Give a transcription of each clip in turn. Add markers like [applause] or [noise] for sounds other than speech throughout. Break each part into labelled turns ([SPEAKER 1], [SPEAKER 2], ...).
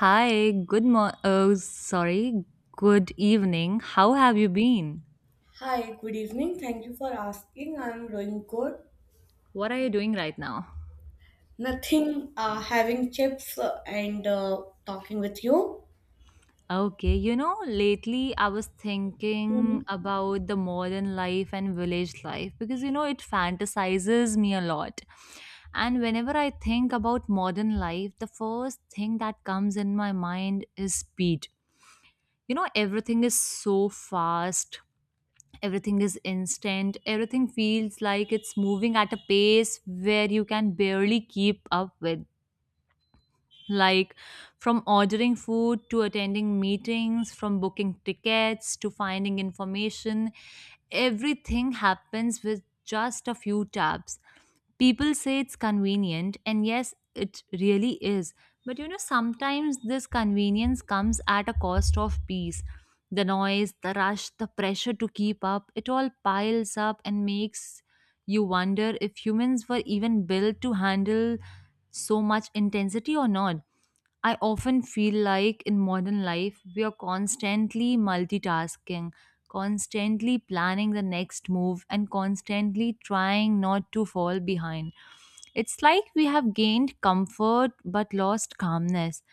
[SPEAKER 1] Hi, good mo- oh, sorry, good evening. How have you been?
[SPEAKER 2] Hi, good evening. Thank you for asking. I'm doing good.
[SPEAKER 1] What are you doing right now?
[SPEAKER 2] Nothing, having chips and talking with you.
[SPEAKER 1] Okay, you know, lately I was thinking
[SPEAKER 2] Mhm.
[SPEAKER 1] about the modern life and village life because you know it fantasizes me a lot. And whenever I think about modern life, the first thing that comes in my mind is speed. You know, everything is so fast, everything is instant, everything feels like it's moving at a pace where you can barely keep up with, like, from ordering food to attending meetings, from booking tickets to finding information, everything happens with just a few taps. People say it's convenient, and yes, it really is. But you know, sometimes this convenience comes at a cost of peace. The noise, the rush, the pressure to keep up, it all piles up and makes you wonder if humans were even built to handle so much intensity or not. I often feel like in modern life, we are constantly multitasking, constantly planning the next move, and constantly trying not to fall behind. It's like we have gained comfort but lost calmness.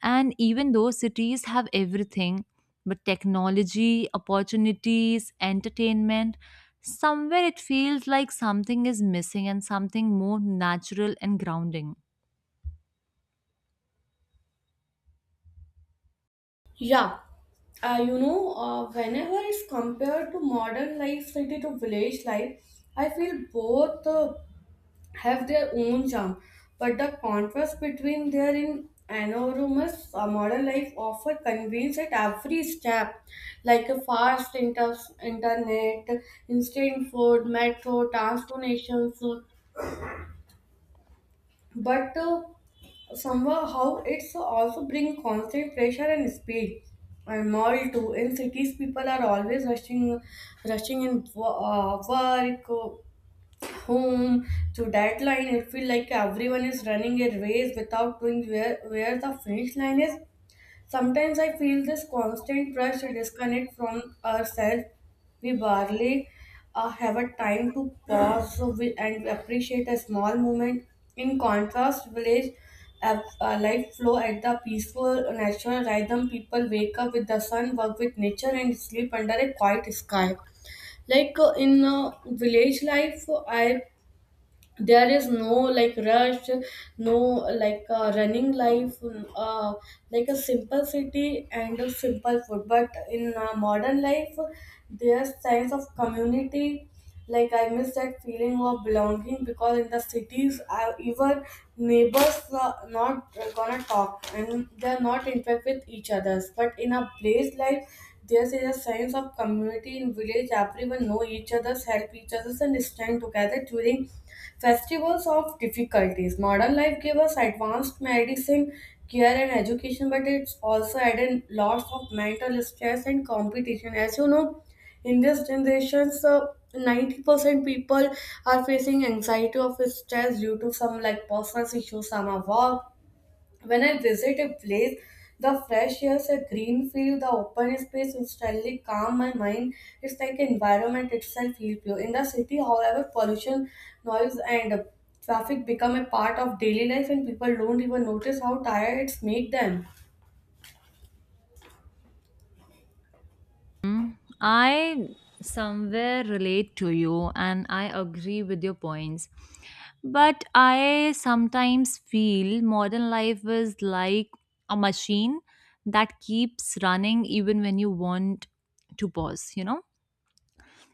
[SPEAKER 1] And even though cities have everything, but technology, opportunities, entertainment, somewhere it feels like something is missing and something more natural and grounding.
[SPEAKER 2] Yeah, you know, whenever it's compared to modern life, city to village life, I feel both have their own charm, but the contrast between their in enormous modern life offer convenience at every step, like a fast internet, instant food, metro, transportations, but somehow it's also bring constant pressure and speed. And mall too. In cities, people are always rushing, rushing in work, home to deadline. It feels like everyone is running a race without knowing where the finish line is. Sometimes I feel this constant rush to disconnect from ourselves. We barely have a time to pause so we, and appreciate a small moment. In contrast village life flow at the peaceful natural rhythm. People wake up with the sun, work with nature, and sleep under a quiet sky. Like in village life, I there is no like rush, no like running life, uh, like a simple city and a simple food. But in modern life, there's sense of community. Like I miss that feeling of belonging because in the cities even neighbors are not gonna talk and they're not interact with each others. But in a place like there's a sense of community in village, everyone know each other's, help each other's, and stand together during festivals of difficulties. Modern life gave us advanced medicine, care, and education, but it's also added lots of mental stress and competition. As you know, in this generation, so 90% people are facing anxiety of stress due to some like personal issues, some are work. When I visit a place, the fresh air, the green field, the open space instantly calm my mind. It's like environment itself feel pure. In the city, however, pollution, noise, and traffic become a part of daily life, and people don't even notice how tired it's make them.
[SPEAKER 1] I somewhere relate to you and I agree with your points. But I sometimes feel modern life is like a machine that keeps running even when you want to pause, you know?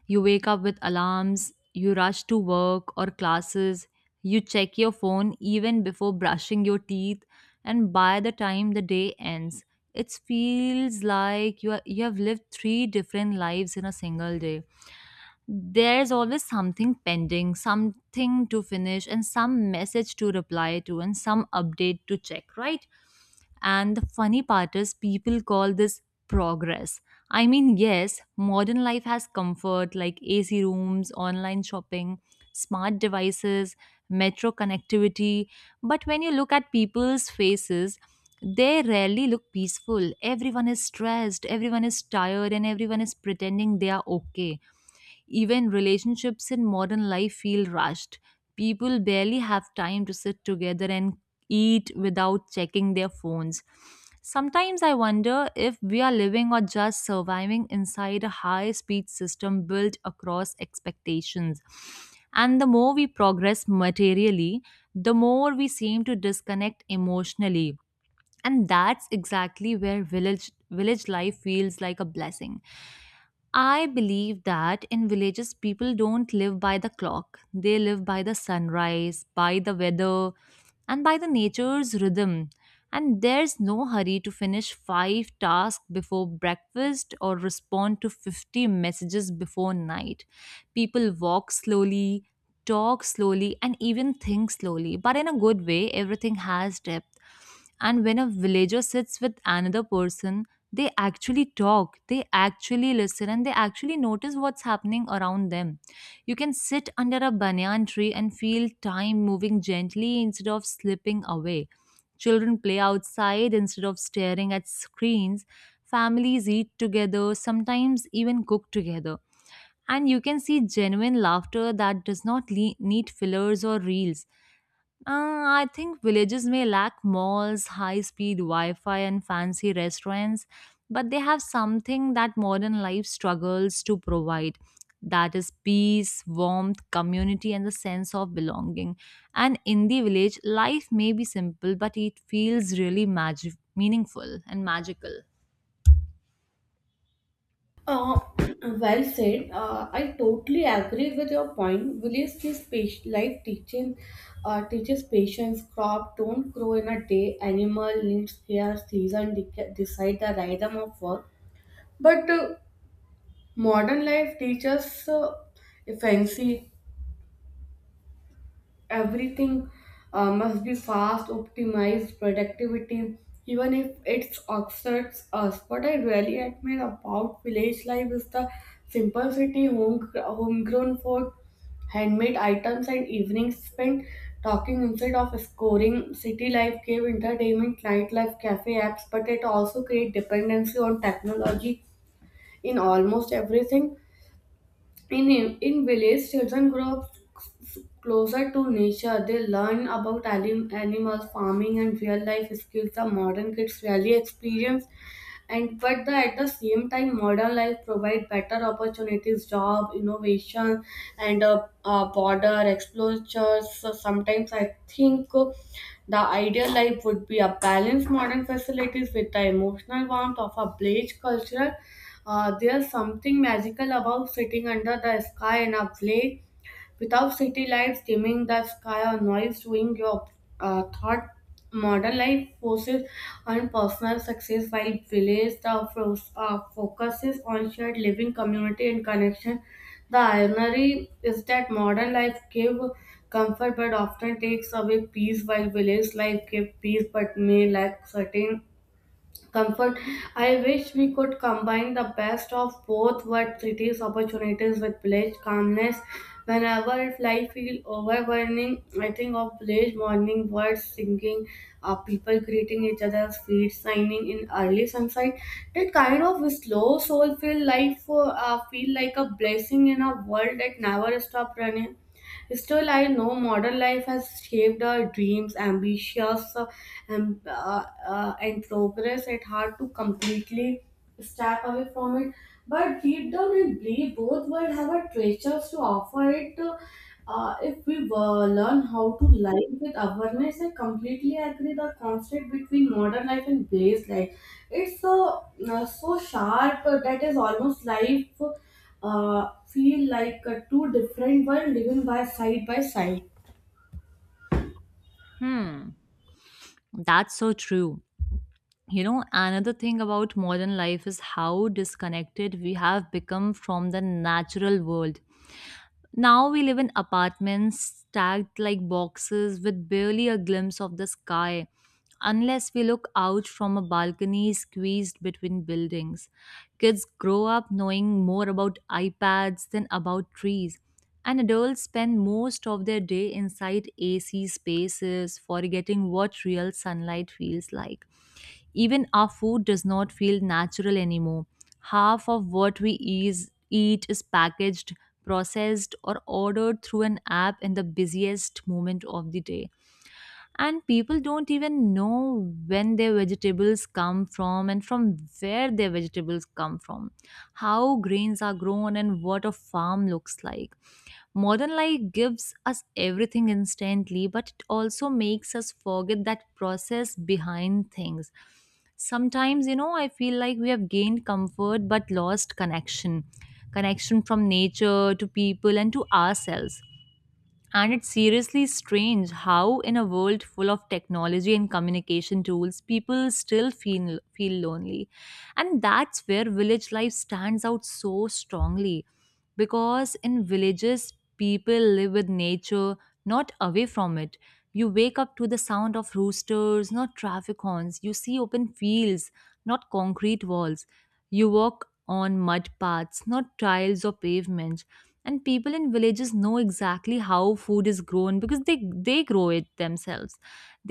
[SPEAKER 1] You wake up with alarms, you rush to work or classes, you check your phone even before brushing your teeth, and by the time the day ends, it feels like you have lived three different lives in a single day. There's always something pending, something to finish, and some message to reply to, and some update to check, right? And the funny part is, people call this progress. I mean, yes, modern life has comfort like AC rooms, online shopping, smart devices, metro connectivity. But when you look at people's faces, they rarely look peaceful. Everyone is stressed, everyone is tired, and everyone is pretending they are okay. Even relationships in modern life feel rushed. People barely have time to sit together and eat without checking their phones. Sometimes I wonder if we are living or just surviving inside a high speed system built across expectations. And the more we progress materially, the more we seem to disconnect emotionally. And that's exactly where village life feels like a blessing. I believe that in villages, people don't live by the clock. They live by the sunrise, by the weather, and by the nature's rhythm. And there's no hurry to finish five tasks before breakfast or respond to 50 messages before night. People walk slowly, talk slowly, and even think slowly. But in a good way, everything has depth. And when a villager sits with another person, they actually talk, they actually listen, and they actually notice what's happening around them. You can sit under a banyan tree and feel time moving gently instead of slipping away. Children play outside instead of staring at screens. Families eat together, sometimes even cook together. And you can see genuine laughter that does not need fillers or reels. I think villages may lack malls, high speed Wi Fi, and fancy restaurants, but they have something that modern life struggles to provide, that is peace, warmth, community, and the sense of belonging. And in the village, life may be simple, but it feels really meaningful and magical.
[SPEAKER 2] Uh, well said. I totally agree with your point. Village life teaching teaches patience. Crop don't grow in a day. Animal needs care. Season decide the rhythm of work. But modern life teaches fancy. Everything must be fast, optimized, productivity, even if it's exerts us. What I really admire about village life is the simplicity, homegrown food, handmade items, and evenings spent talking instead of scoring. City life gave entertainment, nightlife, cafe apps, but it also create dependency on technology in almost everything. in, in village, children grow up closer to nature. They learn about animals, farming, and real life skills that modern kids rarely experience. And but the, at the same time, modern life provide better opportunities, job, innovation, and border exposures. So sometimes I think the ideal life would be a balanced modern facilities with the emotional warmth of a village culture. Uh, there's something magical about sitting under the sky in a play without city lights dimming the sky or noise doing your thought. Modern life forces on personal success while village the focuses on shared living, community, and connection. The irony is that modern life give comfort but often takes away peace, while village life give peace but may lack certain comfort. I wish we could combine the best of both world, cities opportunities with village calmness. Whenever life feels overwhelming, I think of village morning birds singing, people greeting each other's feet, shining in early sunlight. That kind of slow soulful life feel like a blessing in a world that never stops running. Still, I know modern life has shaped our dreams, ambitions, and progress. It's hard to completely step away from it. But deep down, I believe both worlds have a treasures to offer it. If we learn how to live with awareness, I completely agree. The conflict between modern life and base life, it's so sharp that is almost life feel like two different while living by side by side.
[SPEAKER 1] Hmm, that's so true. You know, another thing about modern life is how disconnected we have become from the natural world. Now we live in apartments stacked like boxes with barely a glimpse of the sky unless we look out from a balcony squeezed between buildings. Kids grow up knowing more about iPads than about trees, and adults spend most of their day inside AC spaces, forgetting what real sunlight feels like. Even our food does not feel natural anymore. Half of what we eat is packaged, processed, or ordered through an app in the busiest moment of the day. And people don't even know when their vegetables come from and from where their vegetables come from, how grains are grown, and what a farm looks like. Modern life gives us everything instantly, but it also makes us forget that process behind things. Sometimes, you know, I feel like we have gained comfort but lost connection, connection from nature to people and to ourselves. And it's seriously strange how, in a world full of technology and communication tools, people still feel lonely. And that's where village life stands out so strongly. Because in villages, people live with nature, not away from it. You wake up to the sound of roosters, not traffic horns. You see open fields, not concrete walls. You walk on mud paths, not tiles or pavements. And people in villages know exactly how food is grown because they grow it themselves.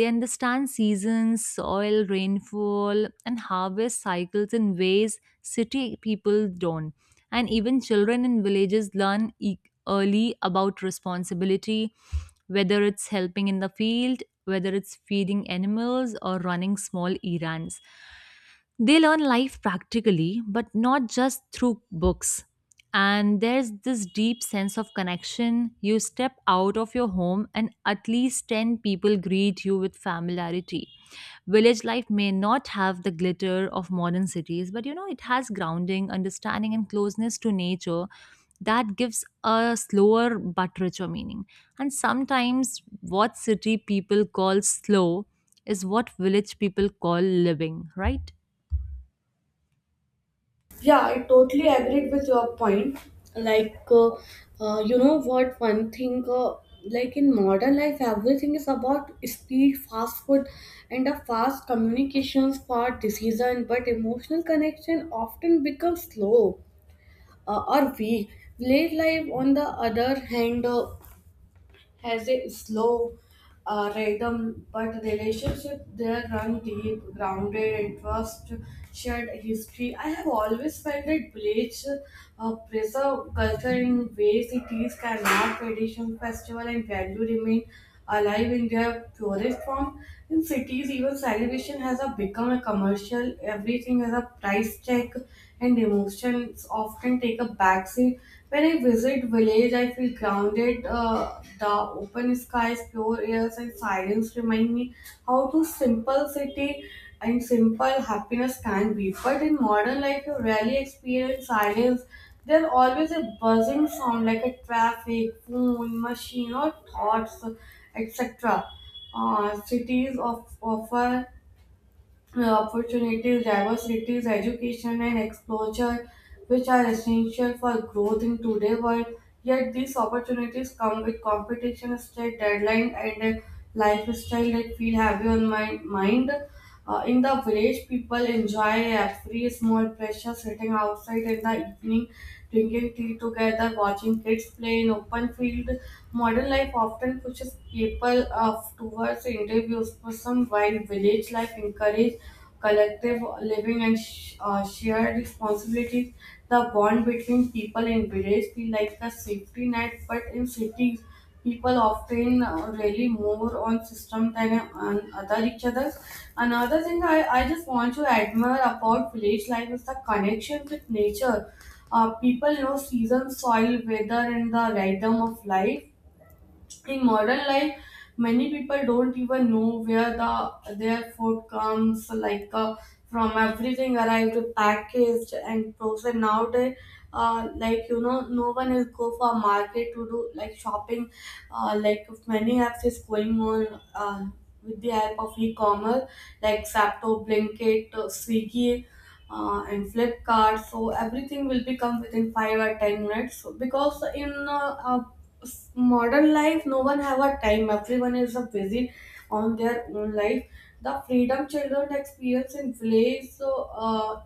[SPEAKER 1] They understand seasons, soil, rainfall, and harvest cycles in ways city people don't. And even children in villages learn early about responsibility, whether it's helping in the field, whether it's feeding animals or running small errands. They learn life practically, but not just through books. And there's this deep sense of connection. You step out of your home, and at least 10 people greet you with familiarity. Village life may not have the glitter of modern cities, but you know, it has grounding, understanding, and closeness to nature that gives a slower but richer meaning. And sometimes what city people call slow is what village people call living, right?
[SPEAKER 2] Yeah, I totally agreed with your point. Like, you know what, one thing, like in modern life, everything is about speed, fast food, and a fast communications for decision, but emotional connection often becomes slow or weak. Late life, on the other hand, has a slow rhythm, but relationship there run deep, grounded in trust, shared history. I have always felt that village preserve culture in ways cities cannot. Tradition, festival, and value remain alive in their purest form. In cities, even celebration has a become a commercial. Everything has a price tag, and emotions often take a backseat. When I visit village, I feel grounded. The open skies, pure airs, and silence remind me how to simple city and simple happiness can be. But in modern life, you rarely experience silence. There's always a buzzing sound like a traffic, phone, machine, or thoughts, etc. Cities offer opportunities, diversities, education, and exposure, which are essential for growth in today's world. Yet these opportunities come with competition, strict deadline, and a lifestyle that feel heavy on my mind. In the village, people enjoy every small pleasure sitting outside in the evening, drinking tea together, watching kids play in open field. Modern life often pushes people towards interviews for some, while village life encourage collective living and shared responsibilities. The bond between people in village feel like a safety net, but in cities people often really more on system than on other each other. Another thing I just want to admire about village life is the connection with nature. People know season, soil, weather, and the rhythm of life. In modern life, many people don't even know where the their food comes like from. Everything arrived packaged and frozen nowadays. Like you know, no one is go for market to do like shopping. Like many apps is going on with the help of e-commerce, like Zapto, Blinkit, Swiggy, and Flipkart. So everything will become within 5 or 10 minutes. So because in modern life, no one have a time. Everyone is busy on their own life. The freedom children experience in village so,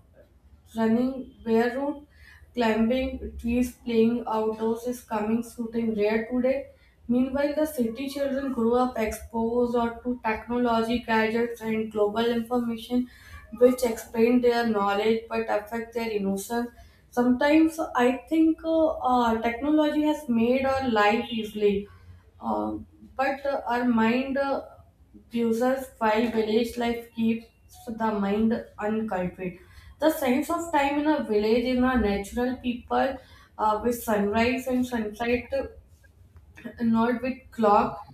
[SPEAKER 2] running barefoot, climbing trees, playing outdoors is coming shooting rare today. Meanwhile, the city children grow up exposed or to technology, gadgets, and global information, which expand their knowledge but affect their innocence. Sometimes I think technology has made our life easily, uh, but our mind uses, while village life keeps the mind uncultured. The sense of time in a village in a natural people with sunrise and sunset, not with clock,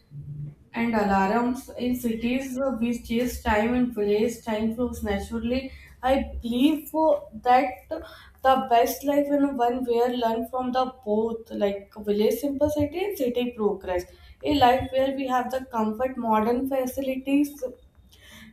[SPEAKER 2] and alarms. In cities we chase time and place, time flows naturally. I believe that the best life in one where learn from the both, like village simplicity and city progress, a life where we have the comfort modern facilities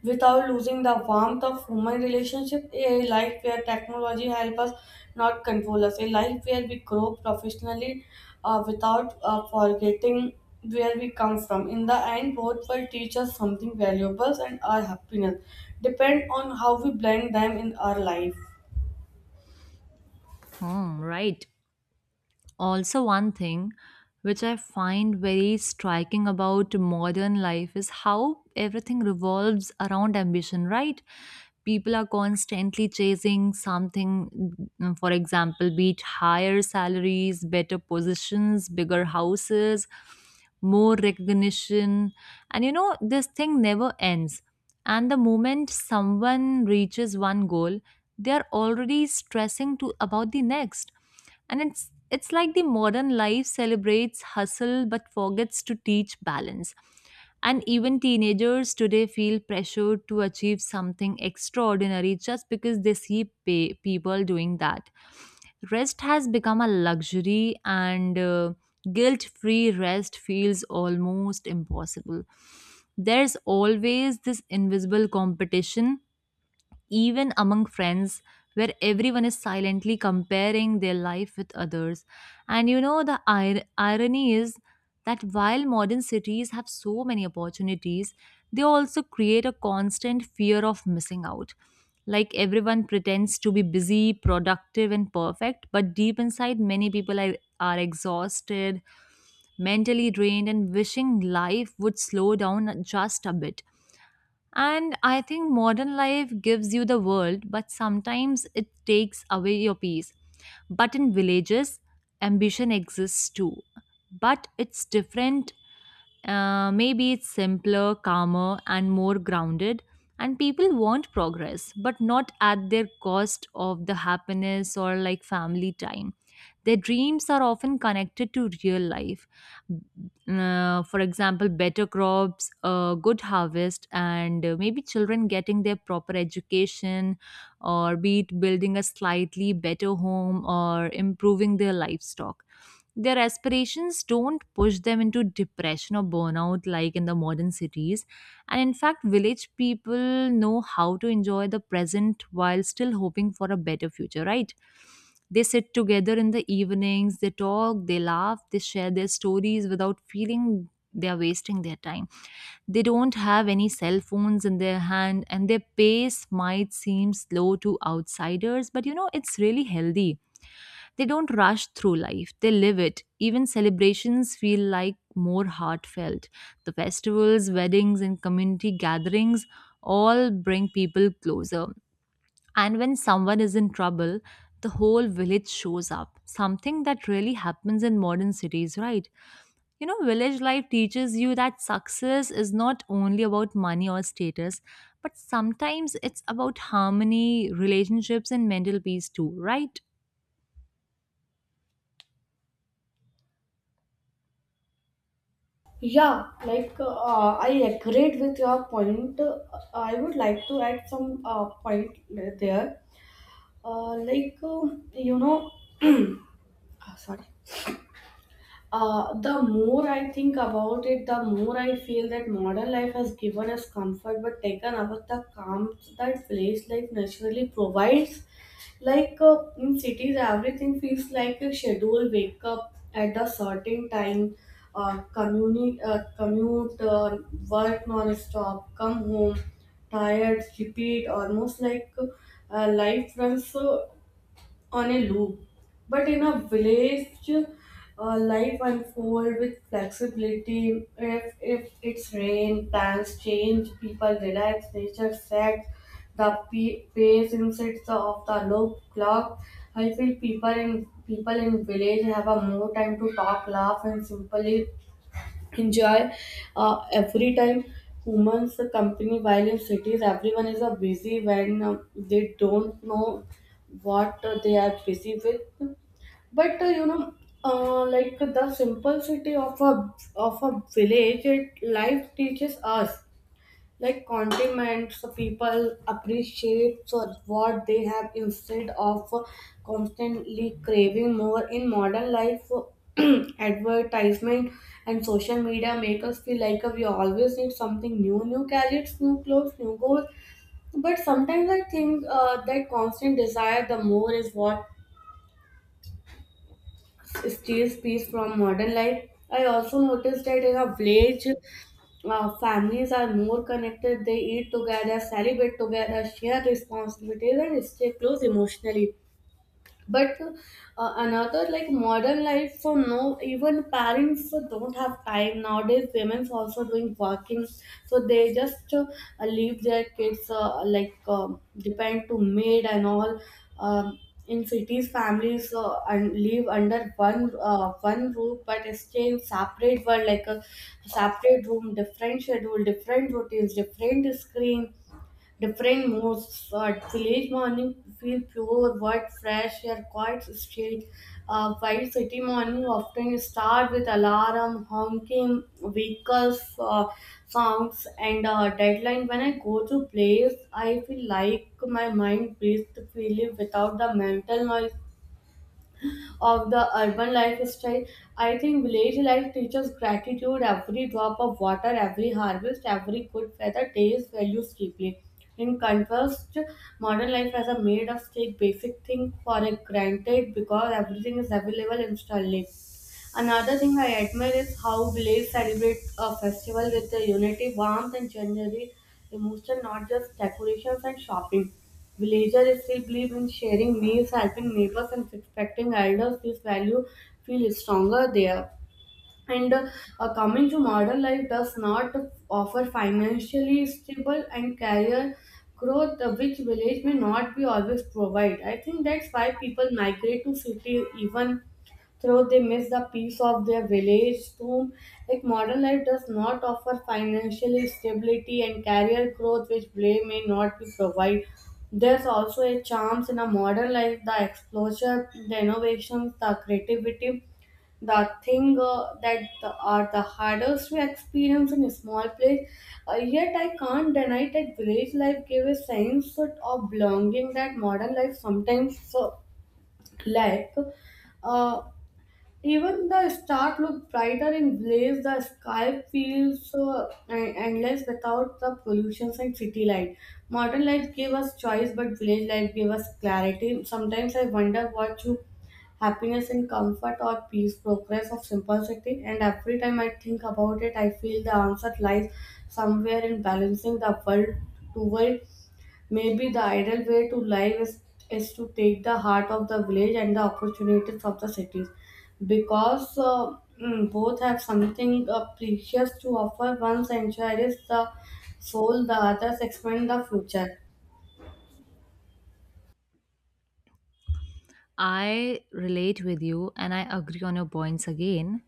[SPEAKER 2] without losing the warmth of human relationship. A life where technology helps us, not control us. A life where we grow professionally without forgetting where we come from. In the end, both will teach us something valuable, and our happiness depend on how we blend them in our life.
[SPEAKER 1] Hmm, right. Also, one thing which I find very striking about modern life is how everything revolves around ambition, right? People are constantly chasing something, mm, for example, be it higher salaries, better positions, bigger houses, more recognition. And you know, this thing never ends. And the moment someone reaches one goal, they are already stressing to about the next, and it's like the modern life celebrates hustle but forgets to teach balance. And even teenagers today feel pressured to achieve something extraordinary just because they see people doing that. Rest has become a luxury, and guilt free rest feels almost impossible. There's always this invisible competition, even among friends, where everyone is silently comparing their life with others. And you know, the irony is that while modern cities have so many opportunities, they also create a constant fear of missing out. Like everyone pretends to be busy, productive, and perfect, but deep inside, many people are exhausted, mentally drained, and wishing life would slow down just a bit. And I think modern life gives you the world, but sometimes it takes away your peace. But in villages, ambition exists too. But it's different. Maybe it's simpler, calmer, and more grounded. And people want progress, but not at their cost of the happiness or like family time. Their dreams are often connected to real life. Mm. For example, better crops, a good harvest, and maybe children getting their proper education, or be it building a slightly better home or improving their livestock. Their aspirations don't push them into depression or burnout like in the modern cities. And in fact, village people know how to enjoy the present while still hoping for a better future, right? They sit together in the evenings, they talk, they laugh, they share their stories without feeling they are wasting their time. They don't have any cell phones in their hand, and their pace might seem slow to outsiders, but you know, it's really healthy. They don't rush through life, they live it. Even celebrations feel like more heartfelt. The festivals, weddings, and community gatherings all bring people closer. And when someone is in trouble, the whole village shows up. Something that really happens in modern cities, right? You know, village life teaches you that success is not only about money or status, but sometimes it's about harmony, relationships, and mental peace too, right?
[SPEAKER 2] Yeah, like I agreed with your point. I would like to add some point there. Like you know, [clears throat] ah sorry. The more I think about it, the more I feel that modern life has given us comfort but taken away the calm that village life naturally provides. Like in cities, everything feels like a schedule, wake up at a certain time, commute, work non stop, come home tired, repeat, almost like life runs on a loop. But in a village, life unfolds with flexibility. If it's rain, plans change, people relax, nature sets the pace inside of the loop clock. I feel people in village have a more time to talk, laugh, and simply enjoy every time humans company, while in cities everyone is busy when they don't know what they are busy with. But you know, like the simplicity of a village it life teaches us like condiments, people appreciate for what they have instead of constantly craving more. In modern life, [clears throat] advertisement and social media make us feel like we always need something new, new gadgets, new clothes, new goals. But sometimes I think that constant desire, the more is what steals peace from modern life. I also noticed that in a village, families are more connected. They eat together, celebrate together, share responsibilities, and stay close emotionally but another like modern life for no even parents don't have time nowadays, women also doing working, so they just leave their kids like depend to maid and all. um, in cities families and live under one roof but stay in separate world like a separate room, different schedule, different routines, different screen, different moods. At village morning, feel pure, word fresh, air quiet street. While city morning often start with alarm, honking, vehicles, sounds, and deadline. When I go to place, I feel like my mind breathes freely without the mental noise of the urban lifestyle. I think village life teaches gratitude, every drop of water, every harvest, every good weather, days values deeply. In contrast, modern life has a made us take basic thing for a granted because everything is available instantly. Another thing I admire is how village celebrate a festival with the unity, warmth, and generally emotion, not just decorations and shopping. Villagers still believe in sharing meals, helping neighbors, and respecting elders. This value feels stronger there, and coming to modern life does not offer financially stable and career growth, which village may not be always provide. I think that's why people migrate to city even though they miss the peace of their village home. Like modern life does not offer financial stability and career growth which play may not be provide. There's also a charms in a modern life, the exposure, the innovations, the creativity, the thing that are the hardest to experience in a small place. Yet I can't deny that village life gave a sense of belonging that modern life sometimes lack. Uh, Even the stars look brighter in blaze. The sky feels so endless without the pollutions and city light. Modern life give us choice, but village life give us clarity. Sometimes I wonder what true happiness and comfort or peace, progress of simplicity. And every time I think about it, I feel the answer lies somewhere in balancing the world to world. Maybe the ideal way to live is to take the heart of the village and the opportunities of the cities because both have something precious to offer. One centuries the soul, the others expand the future.
[SPEAKER 1] I relate with you and I agree on your points again.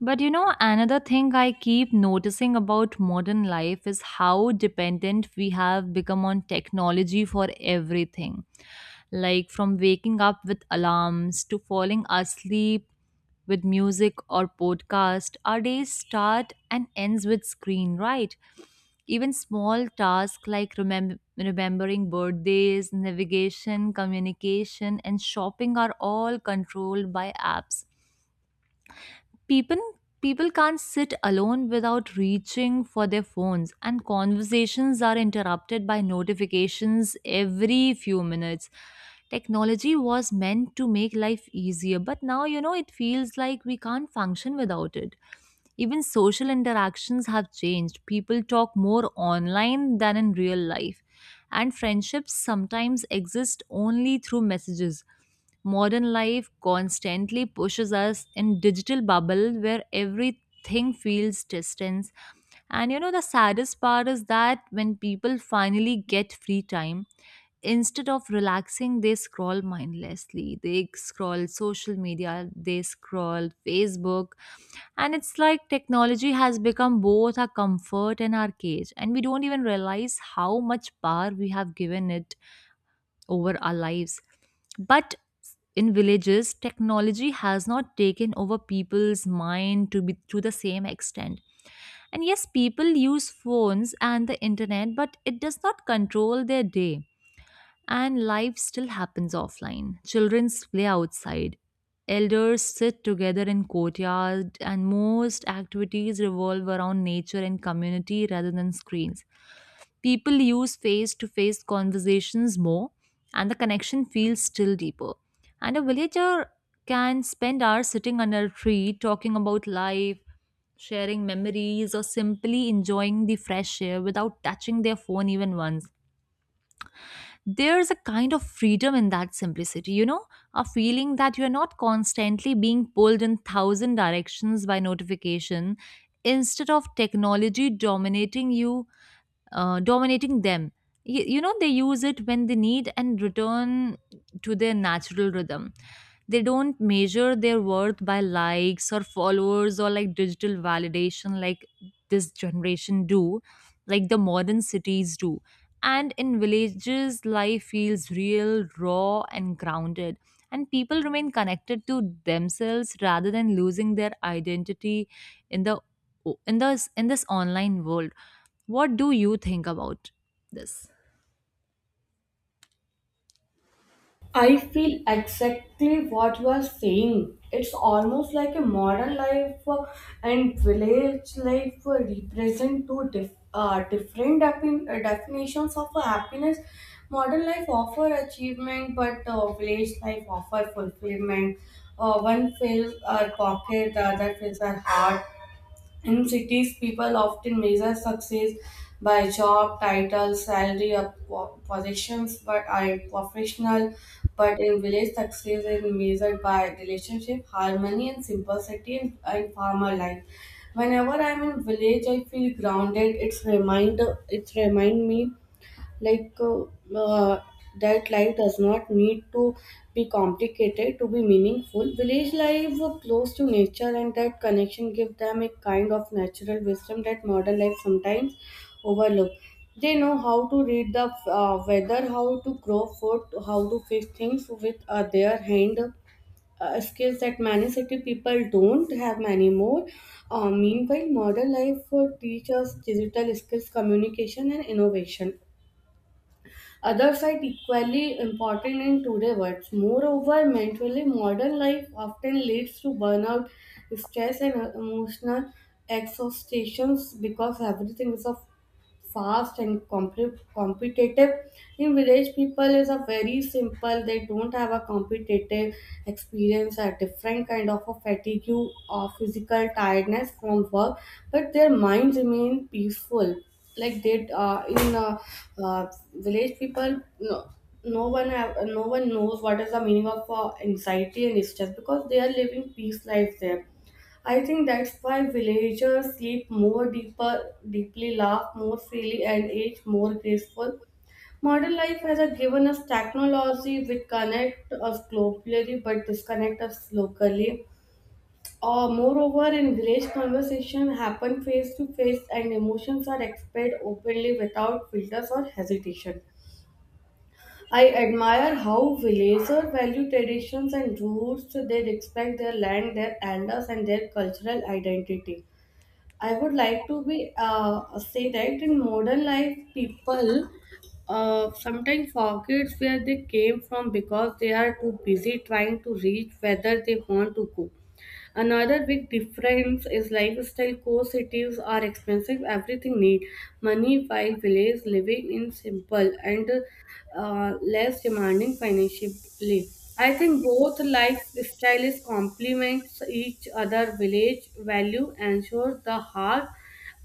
[SPEAKER 1] But you know, another thing I keep noticing about modern life is how dependent we have become on technology for everything. Like from waking up with alarms to falling asleep with music or podcast, our days start and ends with screen, right? Even small tasks like remembering birthdays, navigation, communication, and shopping are all controlled by apps. People people can't sit alone without reaching for their phones, and conversations are interrupted by notifications every few minutes. Technology was meant to make life easier, but now you know it feels like we can't function without it. Even social interactions have changed. People talk more online than in real life, and friendships sometimes exist only through messages. Modern life constantly pushes us in digital bubble where everything feels distance. And you know the saddest part is that when people finally get free time, instead of relaxing they scroll mindlessly. They scroll social media, they scroll Facebook, and it's like technology has become both our comfort and our cage, and we don't even realize how much power we have given it over our lives. But in villages, technology has not taken over people's mind to be to the same extent. And yes, people use phones and the internet, but it does not control their day. And life still happens offline. Children play outside. Elders sit together in courtyard and most activities revolve around nature and community rather than screens. People use face-to-face conversations more, and the connection feels still deeper. And a villager can spend hours sitting under a tree talking about life, sharing memories or simply enjoying the fresh air without touching their phone even once. There's a kind of freedom in that simplicity, you know, a feeling that you're not constantly being pulled in thousand directions by notification, instead of technology dominating them. You know, they use it when they need and return to their natural rhythm. They don't measure their worth by likes or followers or like digital validation like this generation do, like the modern cities do. And in villages, life feels real, raw, and grounded. And people remain connected to themselves rather than losing their identity in the in this online world. What do you think about this?
[SPEAKER 2] I feel exactly what you are saying. It's almost like a modern life and village life represent two different definitions of happiness. Modern life offer achievement, but village life offer fulfillment. One fills our pocket, the other fills our heart. In cities, people often measure success by job, title, salary, or positions, but are professional. But in village, success is measured by relationship, harmony, and simplicity in farmer life. Whenever I'm in village, I feel grounded. It's remind me like uh, that life does not need to be complicated to be meaningful. Village life were close to nature and that connection give them a kind of natural wisdom that modern life sometimes overlook. They know how to read the weather, how to grow food, how to fix things with their hand, skills that many city people don't have many more. Meanwhile modern life teaches digital skills, communication, and innovation. Others are equally important in today's world. Moreover, mentally modern life often leads to burnout, stress, and emotional exhaustion because everything is of fast and competitive. In village people is a very simple, they don't have a competitive experience, a different kind of a fatigue or physical tiredness from work, but their minds remain peaceful. Like they in uh, village people, no one have, no one knows what is the meaning of anxiety and stress because they are living peace life there. I think that's why villagers sleep more deeper, deeply laugh more freely, and age more graceful. Modern life given us technology which connect us globally but disconnect us locally. Moreover, in village conversation happen face to face and emotions are expressed openly without filters or hesitation. I admire how villagers value traditions and roots. They respect their land, their elders, and their cultural identity. I would like to be say that in modern life, people sometimes forgets where they came from because they are too busy trying to reach whether they want to go. Another big difference is lifestyle. Co Cities are expensive. Everything need money, while village living in simple and less demanding financially. I think both lifestyles complements each other. Village value ensures the heart,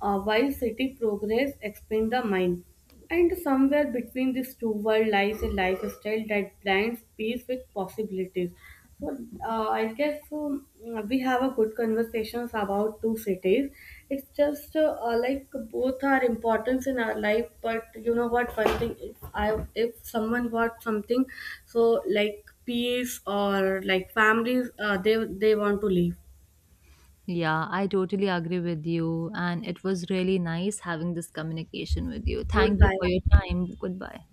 [SPEAKER 2] while city progress expands the mind. And somewhere between these two worlds lies a lifestyle that blends peace with possibilities. So I guess, we have a good conversations about two cities. It's just like both are important in our life, but you know what? One thing, if someone wants something, so like peace or like families, they want to leave.
[SPEAKER 1] Yeah, I totally agree with you. And it was really nice having this communication with you. Thank you
[SPEAKER 2] Goodbye.
[SPEAKER 1] for your time. Goodbye.